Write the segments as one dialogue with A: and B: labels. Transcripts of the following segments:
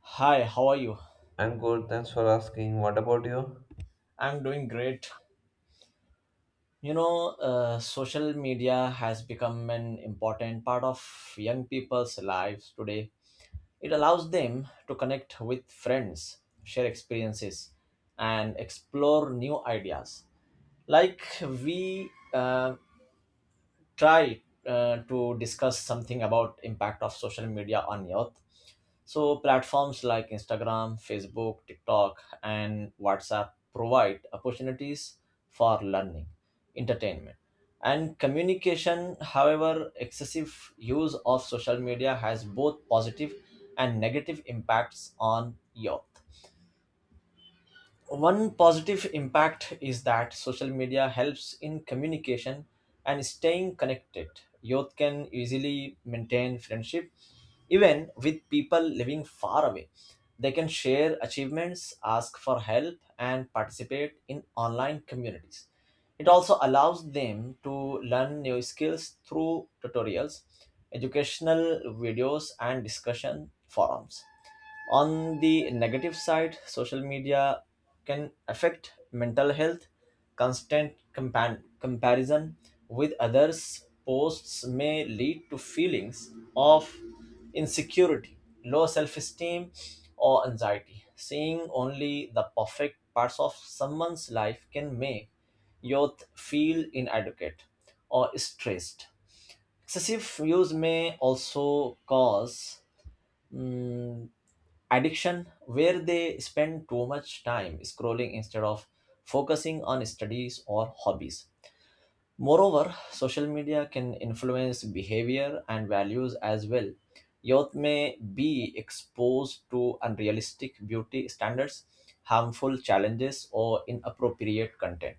A: Hi, how are you?
B: I'm good, thanks for asking. What about you?
A: I'm doing great. Social media has become an important part of young people's lives today. It allows them to connect with friends, share experiences, and explore new ideas. Like we try to discuss something about impact of social media on youth. So, platforms like Instagram, Facebook, TikTok, and WhatsApp provide opportunities for learning, entertainment, and communication. However, excessive use of social media has both positive and negative impacts on youth. One positive impact is that social media helps in communication and staying connected. Youth can easily maintain friendship even with people living far away. They can share achievements, ask for help, and participate in online communities. It also allows them to learn new skills through tutorials, educational videos, and discussion forums. On the negative side, social media can affect mental health. Comparison with others' posts may lead to feelings of insecurity, low self esteem, or anxiety. Seeing only the perfect parts of someone's life can make youth feel inadequate or stressed. Excessive use may also cause mm, addiction where they spend too much time scrolling instead of focusing on studies or hobbies. Moreover, social media can influence behavior and values as well. Youth may be exposed to unrealistic beauty standards, harmful challenges, or inappropriate content.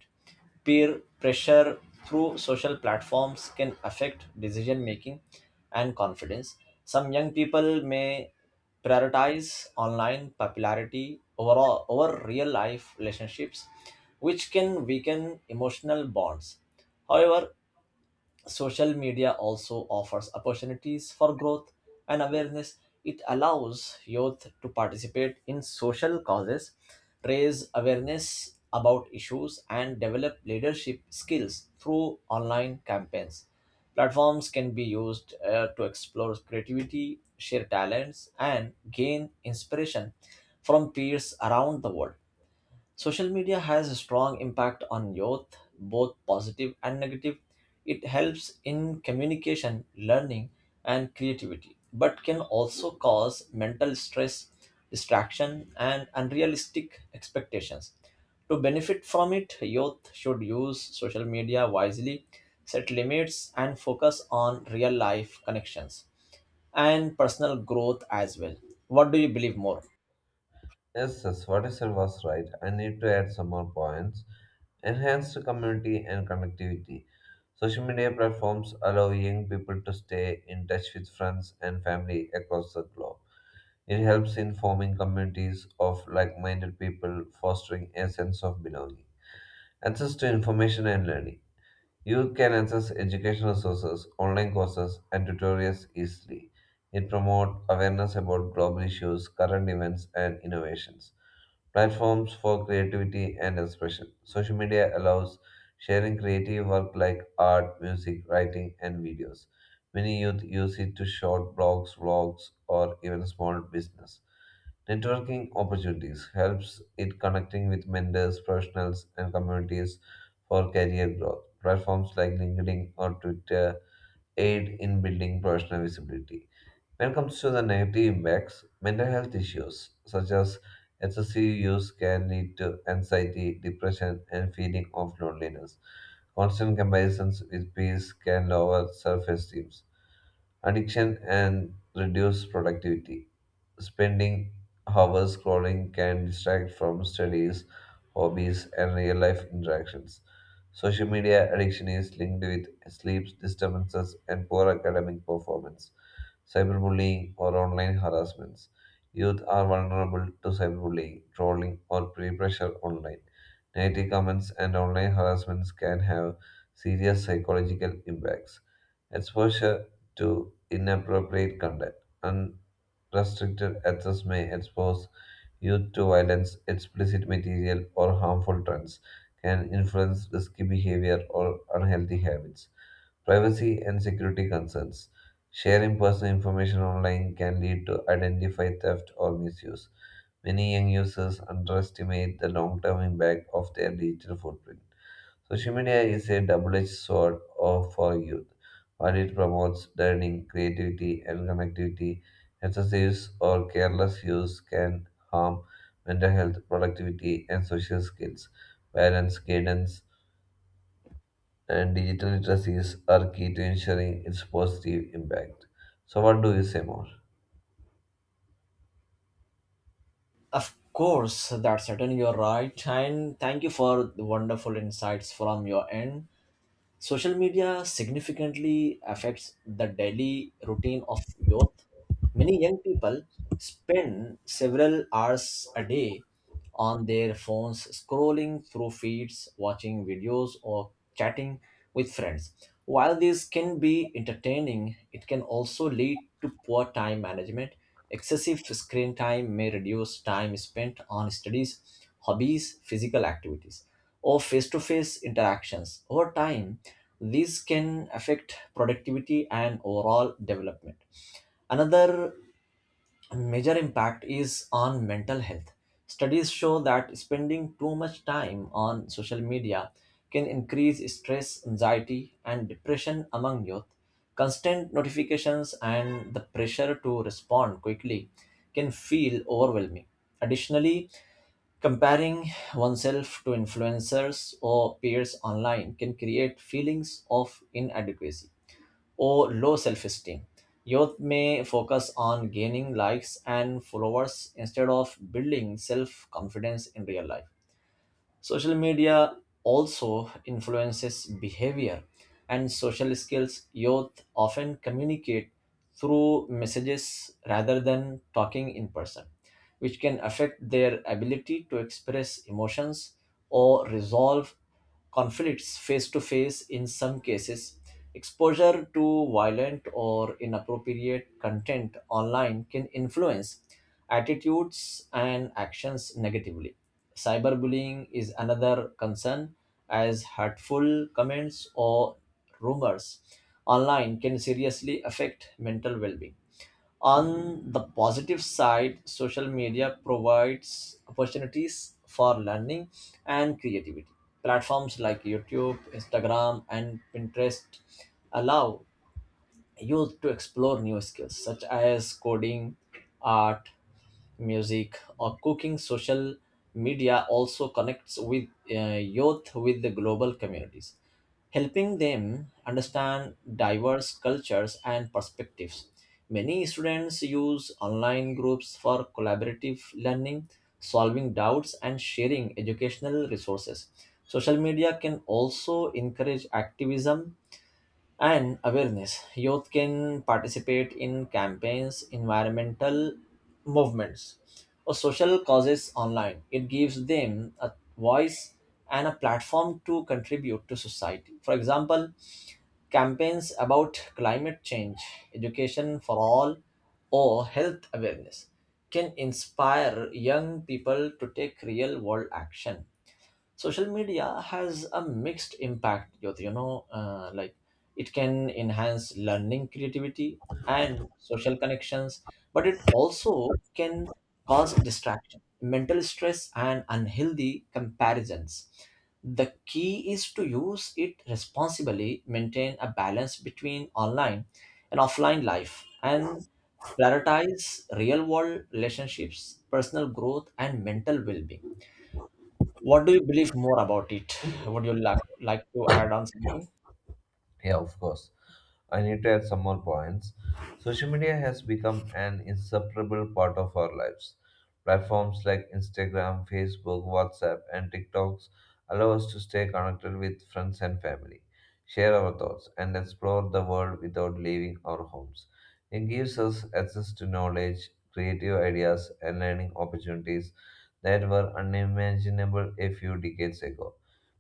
A: Peer pressure through social platforms can affect decision making and confidence. Some young people may prioritize online popularity over real life relationships, which can weaken emotional bonds. However, social media also offers opportunities for growth and awareness. It allows youth to participate in social causes, raise awareness about issues, and develop leadership skills through online campaigns. Platforms can be used to explore creativity, share talents, and gain inspiration from peers around the world. Social media has a strong impact on youth, both positive and negative. It helps in communication, learning, and creativity, but can also cause mental stress, distraction, and unrealistic expectations. To benefit from it, youth should use social media wisely, set limits, and focus on real life connections and personal growth as well. What do you believe more?
B: Yes, what you said was right. I need to add some more points. Enhance community and connectivity. Social media platforms allow young people to stay in touch with friends and family across the globe. It helps in forming communities of like minded people, fostering a sense of belonging. Access to information and learning. Youth can access educational resources, online courses, and tutorials easily. It promotes awareness about global issues, current events, and innovations. Platforms for creativity and expression. Social media allows sharing creative work like art, music, writing, and videos. Many youth use it to short blogs, vlogs, or even small business. Networking opportunities helps it connecting with mentors, professionals, and communities for career growth. Platforms like LinkedIn or Twitter aid in building professional visibility. When it comes to the negative impacts, mental health issues such as excessive use can lead to anxiety, depression, and feeling of loneliness. Constant comparisons with peers can lower self-esteem addiction and reduce productivity. Spending hours scrolling can distract from studies, hobbies, and real life interactions. Social media addiction is linked with sleep disturbances and poor academic performance cyberbullying, or online harassments. Youth are vulnerable to cyberbullying, trolling, or peer pressure online. Negative comments and online harassments can have serious psychological impacts. Exposure to inappropriate content. Unrestricted access may expose youth to violence, explicit material, or harmful trends, can influence risky behavior or unhealthy habits. Privacy and security concerns. Sharing personal information online can lead to identity theft or misuse. Many young users underestimate the long term impact of their digital footprint. Social media is a double edged for youth. While it promotes learning, creativity, and connectivity, excessive or careless use can harm mental health, productivity, and social skills. Parents, guidance, and digital literacies are key to ensuring its positive impact. So, what do you say more?
A: Of course, that's certainly you're right, and thank you for the wonderful insights from your end. Social media significantly affects the daily routine of youth. Many young people spend several hours a day on their phones, scrolling through feeds, watching videos, or chatting with friends. While this can be entertaining, it can also lead to poor time management. Excessive screen time may reduce time spent on studies, hobbies, physical activities, or face to face interactions. Over time, this can affect productivity and overall development. Another major impact is on mental health. Studies show that spending too much time on social media can increase stress, anxiety, and depression among youth. Constant notifications and the pressure to respond quickly can feel overwhelming. Additionally, comparing oneself to influencers or peers online can create feelings of inadequacy or low self esteem. Youth may focus on gaining likes and followers instead of building self confidence in real life. Social media also influences behavior and social skills. Youth often communicate through messages rather than talking in person, which can affect their ability to express emotions or resolve conflicts face to face in some cases. Exposure to violent or inappropriate content online can influence attitudes and actions negatively. Cyberbullying is another concern, as hurtful comments or rumors online can seriously affect mental well being. On the positive side, social media provides opportunities for learning and creativity. Platforms like YouTube, Instagram, and Pinterest allow used to explore new skills such as coding, art, music, or cooking. Social media also connects with youth with the global communities, helping them understand diverse cultures and perspectives. Many students use online groups for collaborative learning, solving doubts, and sharing educational resources. Social media can also encourage activism and awareness. Youth can participate in campaigns, environmental movements, or social causes online. It gives them a voice and a platform to contribute to society. For example, campaigns about climate change, education for all, or health awareness can inspire young people to take real world action. Social media has a mixed impact, Jyoti. Like, it can enhance learning, creativity, and social connections, but it also can cause distraction, mental stress, and unhealthy comparisons. The key is to use it responsibly, maintain a balance between online and offline life, and prioritize real world relationships, personal growth, and mental well being. What do you believe more about it? Would you like to add on something?
B: Yeah, of course. I need to add some more points. Social media has become an inseparable part of our lives. Platforms like Instagram, Facebook, WhatsApp, and TikToks allow us to stay connected with friends and family, share our thoughts, and explore the world without leaving our homes. It gives us access to knowledge, creative ideas, and learning opportunities that were unimaginable a few decades ago.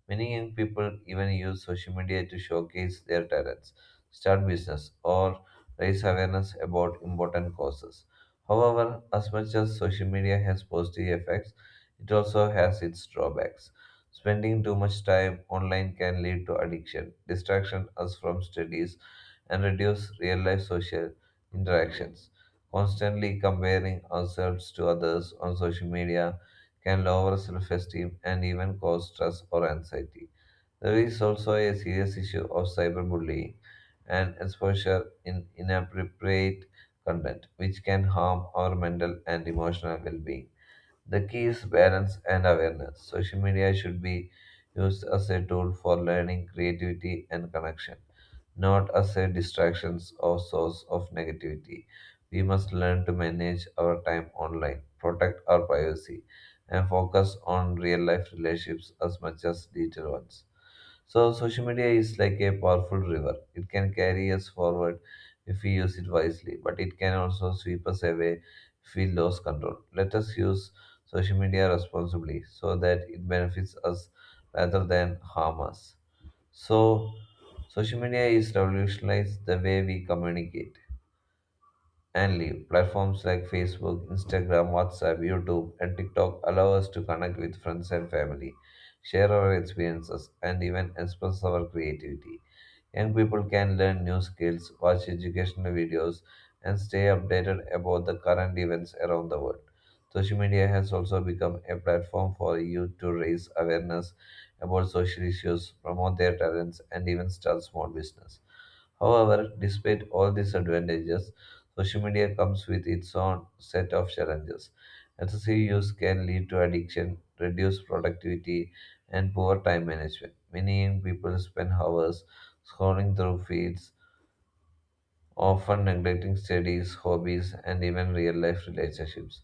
B: Many young people even use social media to showcase their talents, start business, or raise awareness about important causes. However, as much as social media has positive effects, it also has its drawbacks. Spending too much time online can lead to addiction, distraction us from studies, and reduce real life social interactions. Constantly comparing ourselves to others on social media can lower self esteem and even cause stress or anxiety. There is also a serious issue of cyberbullying and exposure in inappropriate content, which can harm our mental and emotional well being. The key is balance and awareness. Social media should be used as a tool for learning, creativity, and connection, not as a distraction or source of negativity. We must learn to manage our time online, protect our privacy, and focus on real life relationships as much as digital ones. So social media is like a powerful river. It can carry us forward if we use it wisely, but it can also sweep us away if we lose control. Let us use social media responsibly so that it benefits us rather than harm us. So social media is revolutionized the way we communicate and live. Platforms like Facebook, Instagram, WhatsApp, YouTube, and TikTok allow us to connect with friends and family, share our experiences, and even express our creativity. Young people can learn new skills, watch educational videos, and stay updated about the current events around the world. Social media has also become a platform for youth to raise awareness about social issues, promote their talents, and even start small business. However, despite all these advantages, social media comes with its own set of challenges. Excessive use can lead to addiction, reduced productivity, and poor time management. Many young people spend hours scrolling through feeds often neglecting studies, hobbies, and even real life relationships.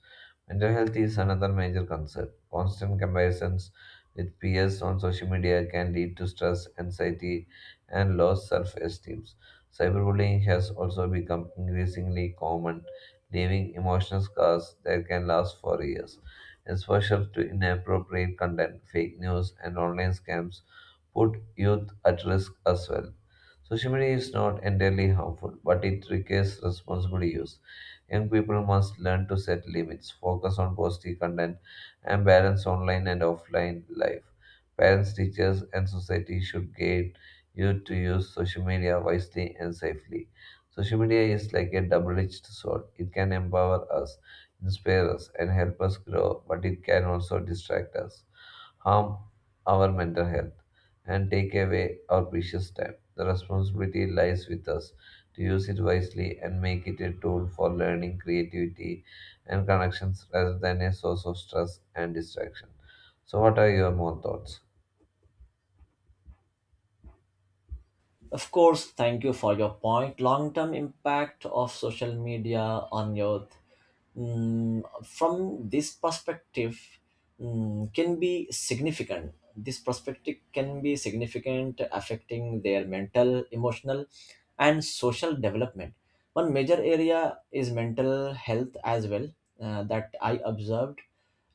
B: Mental health is another major concern. Constant comparisons with peers on social media can lead to stress, anxiety, and low self esteem. Cyberbullying has also become increasingly common, leaving emotional scars that can last for years. Exposure to inappropriate content, fake news, and online scams put youth at risk as well. Social media is not entirely harmful, but it requires responsible use. Young people must learn to set limits, focus on positive content, and balance online and offline life. Parents, teachers, and society should guide you to use social media wisely and safely. Social media is like a double edged sword. It can empower us, inspire us, and help us grow, but it can also distract us harm our mental health, and take away our precious time. The responsibility lies with us to use it wisely and make it a tool for learning, creativity, and connections rather than a source of stress and distraction. So, what are your more thoughts?
A: Of course, thank you for your point. Long term impact of social media on youth, from this perspective, can be significant. This perspective can be significant, affecting their mental, emotional, and social development. One major area is mental health as well, that I observed.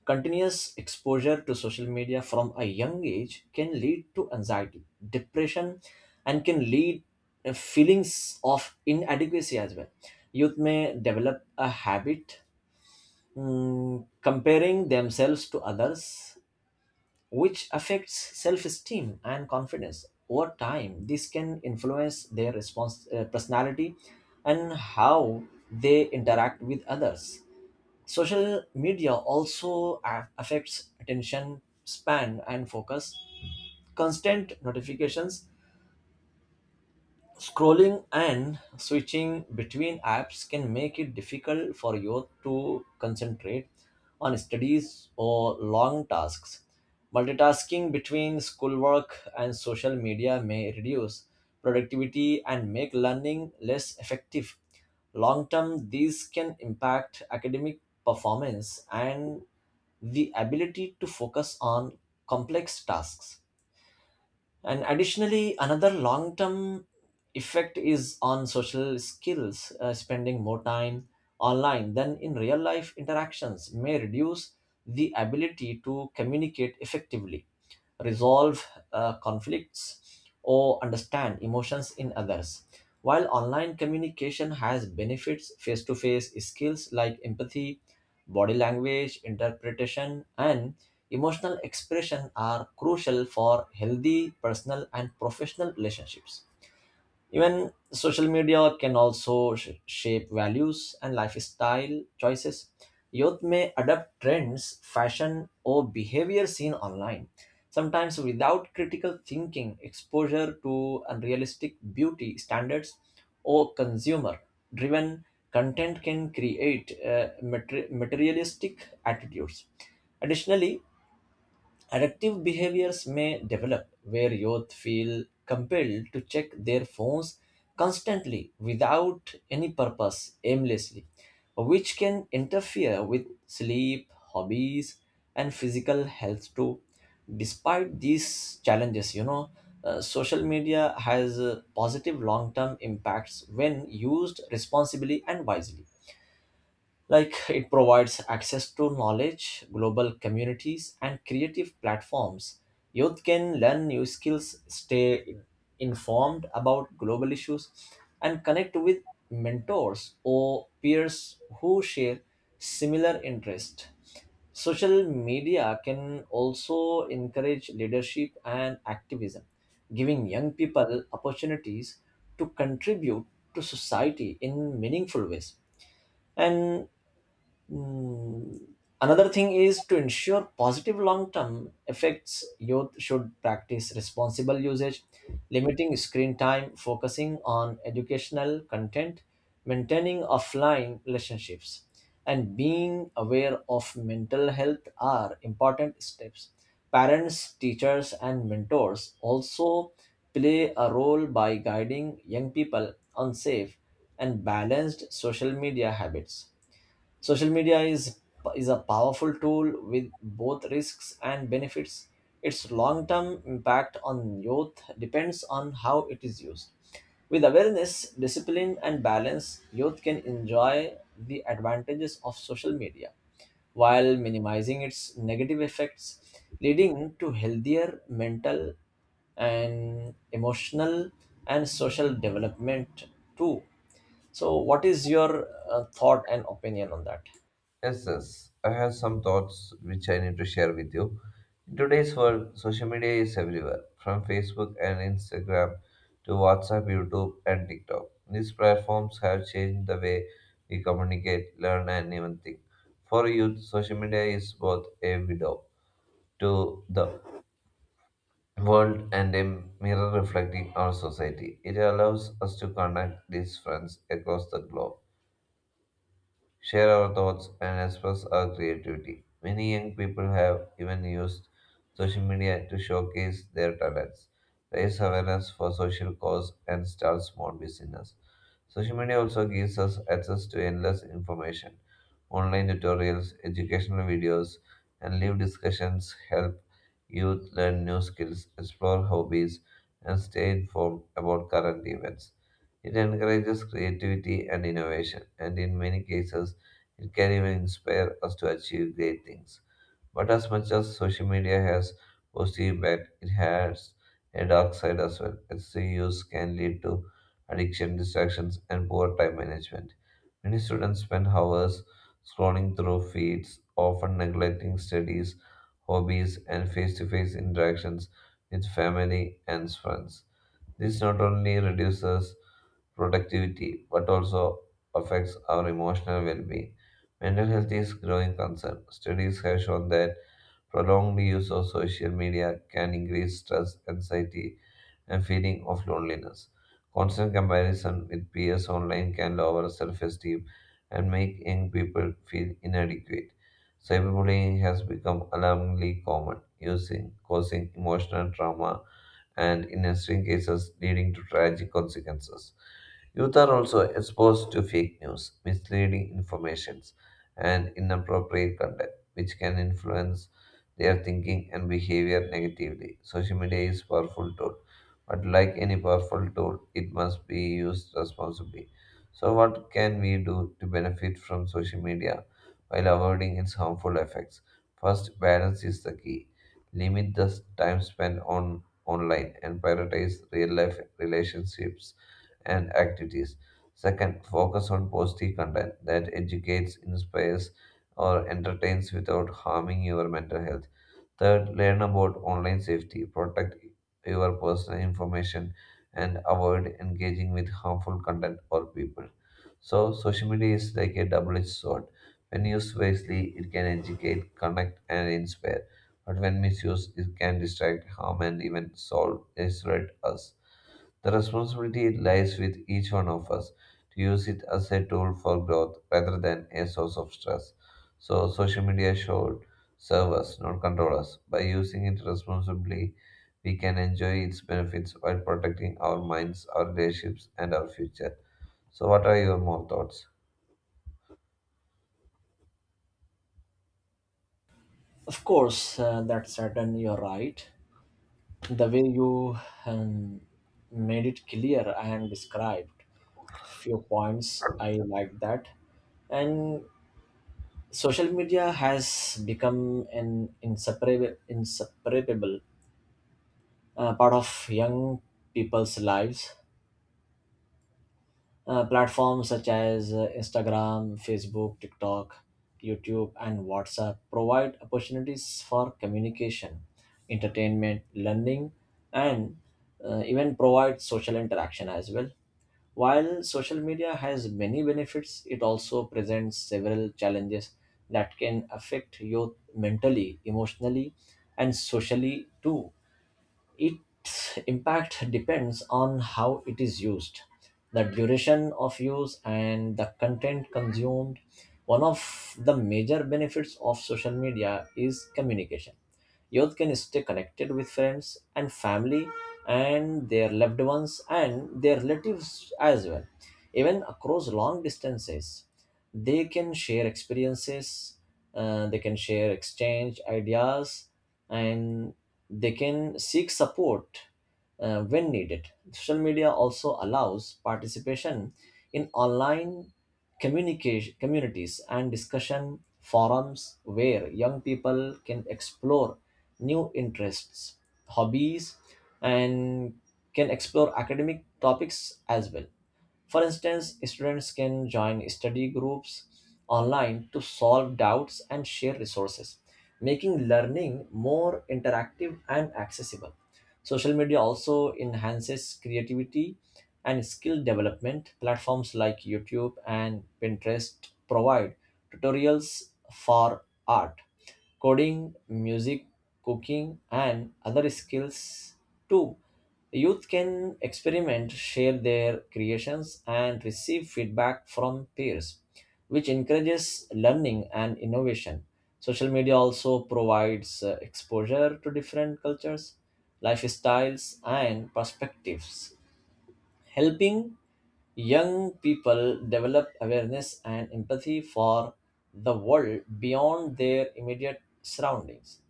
A: Continuous exposure to social media from a young age can lead to anxiety, depression, and can lead feelings of inadequacy as well. Youth may develop a habit, comparing themselves to others, which affects self esteem and confidence. Over time, this can influence their response, personality and how they interact with others. Social media also a- affects attention span and focus. Constant notifications, scrolling and switching between apps can make it difficult for youth to concentrate on studies or long tasks. Multitasking between schoolwork and social media may reduce productivity and make learning less effective. Long term, these can impact academic performance and the ability to focus on complex tasks. And additionally, another long term effect is on social skills. Spending more time online than in real life interactions may reduce the ability to communicate effectively, resolve conflicts, or understand emotions in others. While online communication has benefits, face to face skills like empathy, body language, interpretation, and emotional expression are crucial for healthy personal and professional relationships. Even social media can also sh- shape values and lifestyle choices. Youth may adapt trends, fashion, or behavior seen online, sometimes without critical thinking. Exposure to unrealistic beauty standards, or consumer driven content can create materialistic attitudes. Additionally, addictive behaviors may develop where youth feel compelled to check their phones constantly without any purpose, aimlessly, which can interfere with sleep, hobbies, and physical health too. Despite these challenges, social media has positive long term impacts when used responsibly and wisely. Like, it provides access to knowledge, global communities, and creative platforms. Youth can learn new skills, stay informed about global issues, and connect with mentors or peers who share similar interests. Social media can also encourage leadership and activism, giving young people opportunities to contribute to society in meaningful ways. And hmm. Another thing is to ensure positive long term effects, youth should practice responsible usage, limiting screen time, focusing on educational content, maintaining offline relationships, and being aware of mental health are important steps. Parents, teachers, and mentors also play a role by guiding young people on safe and balanced social media habits. Social media is a powerful tool with both risks and benefits. Its long-term impact on youth depends on how it is used. With awareness, discipline, and balance, youth can enjoy the advantages of social media while minimizing its negative effects, leading to healthier mental and emotional and social development too. So, what is your thought and opinion on that?
B: Yes, I have some thoughts which I need to share with you. In today's world, social media is everywhere, from Facebook and Instagram to WhatsApp, YouTube, and TikTok. These platforms have changed the way we communicate, learn, and even think. For youth, social media is both a window to the world and a mirror reflecting our society. It allows us to connect these friends across the globe share our thoughts, and express our creativity. Many young people have even used social media to showcase their talents, raise awareness for social cause, and start small business. Social media also gives us access to endless information. Online tutorials, educational videos, and live discussions help youth learn new skills, explore hobbies, and stay informed about current events. It encourages creativity and innovation, and in many cases, it can even inspire us to achieve great things. But as much as social media has positive impact, it has a dark side as well. Excessive use can lead to addiction, distractions, and poor time management. Many students spend hours scrolling through feeds, often neglecting studies, hobbies, and face to face interactions with family and friends. This not only reduces productivity, but also affects our emotional well being. Mental health is growing concern. Studies have shown that prolonged use of social media can increase stress, anxiety, and feeling of loneliness. Constant comparison with peers online can lower self esteem and make young people feel inadequate. Cyberbullying has become alarmingly common, using causing emotional trauma and, in extreme cases, leading to tragic consequences. Youth are also exposed to fake news, misleading informations, and inappropriate content, which can influence their thinking and behavior negatively. Social media is a powerful tool, but like any powerful tool, it must be used responsibly. So, what can we do to benefit from social media while avoiding its harmful effects? First, balance is the key. Limit the time spent on online and prioritize real life relationships and activities. Second, focus on positive content that educates, inspires, or entertains without harming your mental health. Third, learn about online safety, protect your personal information, and avoid engaging with harmful content or people. So, social media is like a double edged sword. When used wisely, it can educate, connect, and inspire but when misused, it can distract, harm, and even solve, isolate us. The responsibility lies with each one of us to use it as a tool for growth rather than a source of stress. So, social media should serve us, not control us. By using it responsibly, we can enjoy its benefits while protecting our minds, our relationships, and our future. So, what are your more thoughts?
A: Of course, that's certain. You're right. The way you um, made it clear and described few points, I like that. And social media has become an inseparable part of young people's lives. Platforms such as Instagram, Facebook, TikTok, YouTube, and WhatsApp provide opportunities for communication, entertainment, learning, and even provide social interaction as well. While social media has many benefits, it also presents several challenges that can affect youth mentally, emotionally, and socially too. Its impact depends on how it is used, the duration of use, and the content consumed. One of the major benefits of social media is communication. Youth can stay connected with friends and family and their loved ones and their relatives as well, even across long distances. They can share experiences, they can share exchange ideas, and they can seek support when needed. Social media also allows participation in online communication communities and discussion forums where young people can explore new interests, hobbies, and can explore academic topics as well. For instance, students can join study groups online to solve doubts and share resources, making learning more interactive and accessible. Social media also enhances creativity and skill development. Platforms like YouTube and Pinterest provide tutorials for art, coding, music, cooking, and other skills too. Youth can experiment, share their creations, and receive feedback from peers, which encourages learning and innovation. Social media also provides exposure to different cultures, lifestyles, and perspectives, helping young people develop awareness and empathy for the world beyond their immediate surroundings.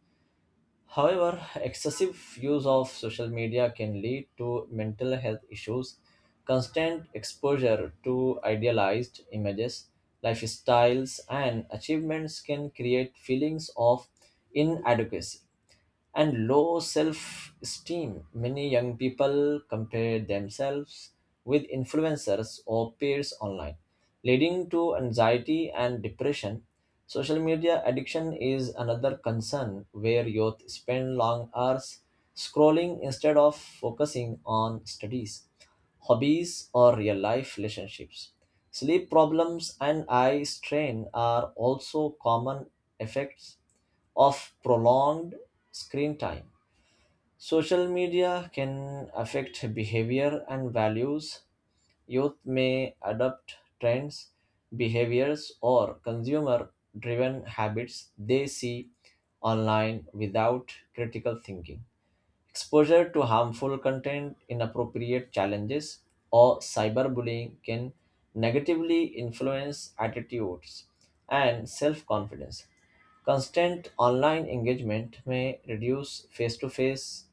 A: However, excessive use of social media can lead to mental health issues. Constant exposure to idealized images, lifestyles, and achievements can create feelings of inadequacy and low self esteem. Many young people compare themselves with influencers or peers online, leading to anxiety and depression. Social media addiction is another concern where youth spend long hours scrolling instead of focusing on studies, hobbies, or real life relationships. Sleep problems and eye strain are also common effects of prolonged screen time. Social media can affect behavior and values. Youth may adopt trends, behaviors, or consumer driven habits they see online without critical thinking. Exposure to harmful content, inappropriate challenges, or cyberbullying can negatively influence attitudes and self confidence. Constant online engagement may reduce face to face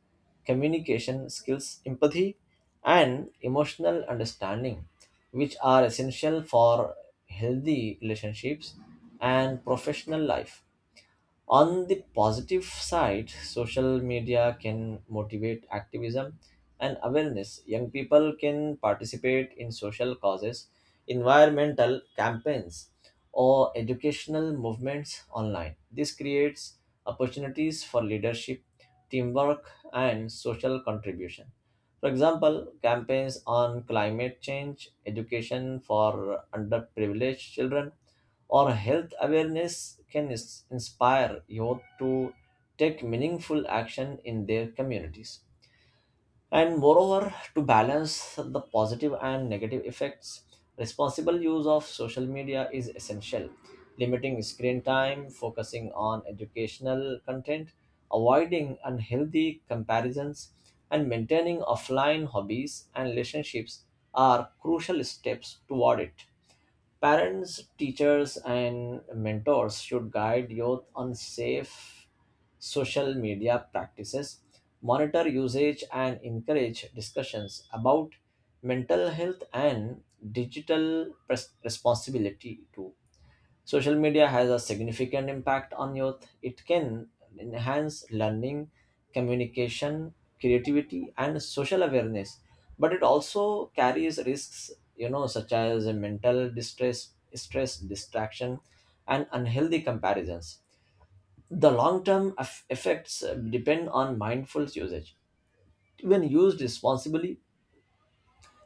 A: communication skills, empathy, and emotional understanding, which are essential for healthy relationships and professional life. On the positive side, social media can motivate activism and awareness. Young people can participate in social causes, environmental campaigns, or educational movements online. This creates opportunities for leadership, teamwork, and social contribution. For example, campaigns on climate change, education for underprivileged children, or health awareness can inspire youth to take meaningful action in their communities. And moreover, to balance the positive and negative effects, responsible use of social media is essential. Limiting screen time, focusing on educational content, avoiding unhealthy comparisons, and maintaining offline hobbies and relationships are crucial steps toward it. Parents, teachers, and mentors should guide youth on safe social media practices, monitor usage, and encourage discussions about mental health and responsibility too. Social media has a significant impact on youth. It can enhance learning, communication, creativity, and social awareness, but it also carries risks, you know, such as mental stress, distraction, and unhealthy comparisons. The long term effects depend on mindful usage. When used responsibly,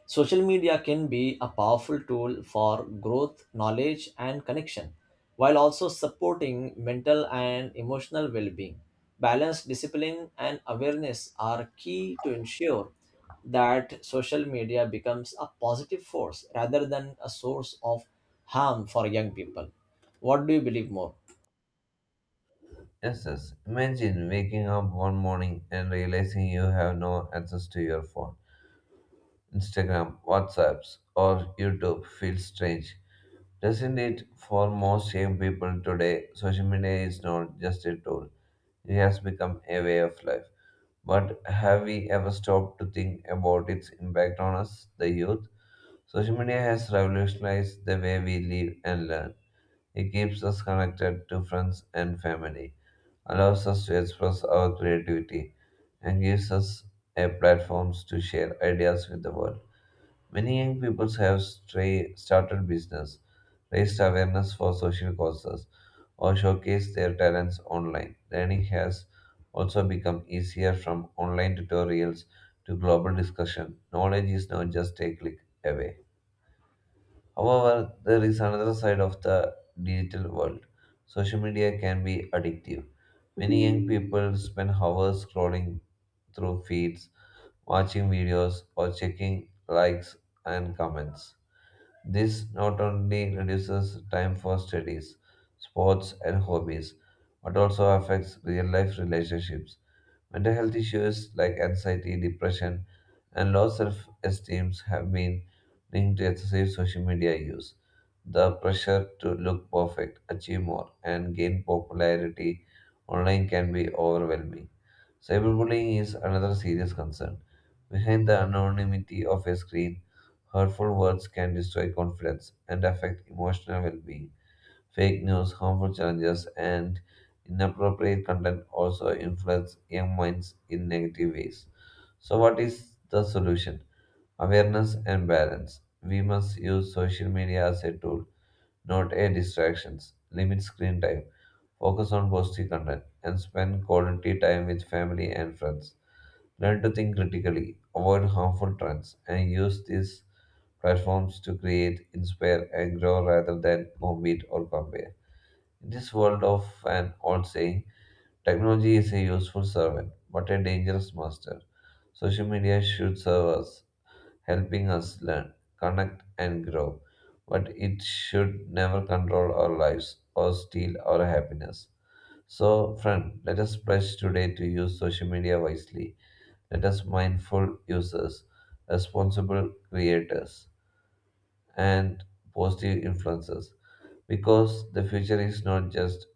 A: social media can be a powerful tool for growth, knowledge, and connection, while also supporting mental and emotional well being. Balance, discipline, and awareness are key to ensure that social media becomes a positive force rather than a source of harm for young people. What do you believe more?
B: Yes, yes. Imagine waking up one morning and realizing you have no access to your phone. Instagram, WhatsApps, or YouTube feels strange, doesn't it? For most young people today, social media is not just a tool, it has become a way of life. But have we ever stopped to think about its impact on us, the youth? Social media has revolutionized the way we live and learn. It keeps us connected to friends and family, allows us to express our creativity, and gives us a platform to share ideas with the world. Many young people have started business, raised awareness for social causes, or showcased their talents online. Learning has also become easier from online tutorials to global discussion. Knowledge is not just a click away. However, there is another side of the digital world. Social media can be addictive. Many young people spend hours scrolling through feeds, watching videos, or checking likes and comments. This not only reduces time for studies, sports, and hobbies, but also affects real life relationships. Mental health issues like anxiety, depression, and low self esteem have been linked to excessive social media use. The pressure to look perfect, achieve more, and gain popularity online can be overwhelming. Cyberbullying is another serious concern. Behind the anonymity of a screen, hurtful words can destroy confidence and affect emotional well being. Fake news, harmful challenges, and inappropriate content also influence young minds in negative ways. So, what is the solution? Awareness and balance. We must use social media as a tool, not a distraction. Limit screen time, focus on positive content, and spend quality time with family and friends. Learn to think critically, avoid harmful trends, and use these platforms to create, inspire, and grow rather than compete or compare. In this world of an old saying, technology is a useful servant, but a dangerous master. Social media should serve us, helping us learn, connect, and grow, but it should never control our lives or steal our happiness. So, friend, let us pledge today to use social media wisely let us mindful users, responsible creators, and positive influences. Because the future is not just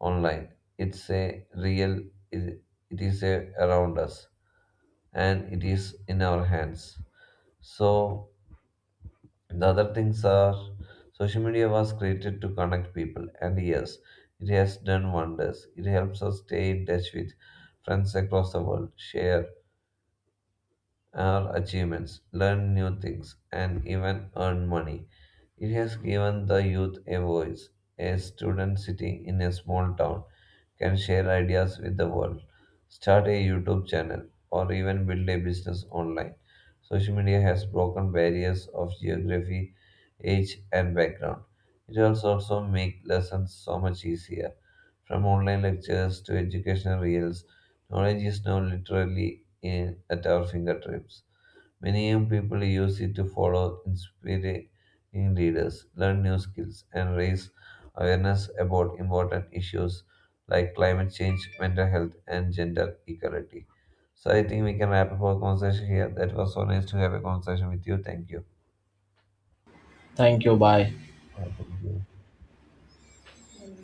B: online; it's a real. It, it is a, around us, and it is in our hands. So the other things are social media was created to connect people, and yes, it has done wonders. It helps us stay in touch with friends across the world, share our achievements, learn new things, and even earn money. It has given the youth a voice. A student sitting in a small town can share ideas with the world, start a YouTube channel, or even build a business online. Social media has broken barriers of geography, age, and background. It has also made lessons so much easier. From online lectures to educational reels, knowledge is now literally in, at our fingertips. Many young people use it to follow inspiring leaders, learn new skills, and raise awareness about important issues like climate change, mental health, and gender equality. So I think we can wrap up our conversation here. That was so nice to have a conversation with you. Thank you.
A: Thank you. Bye.
B: Yeah, thank you.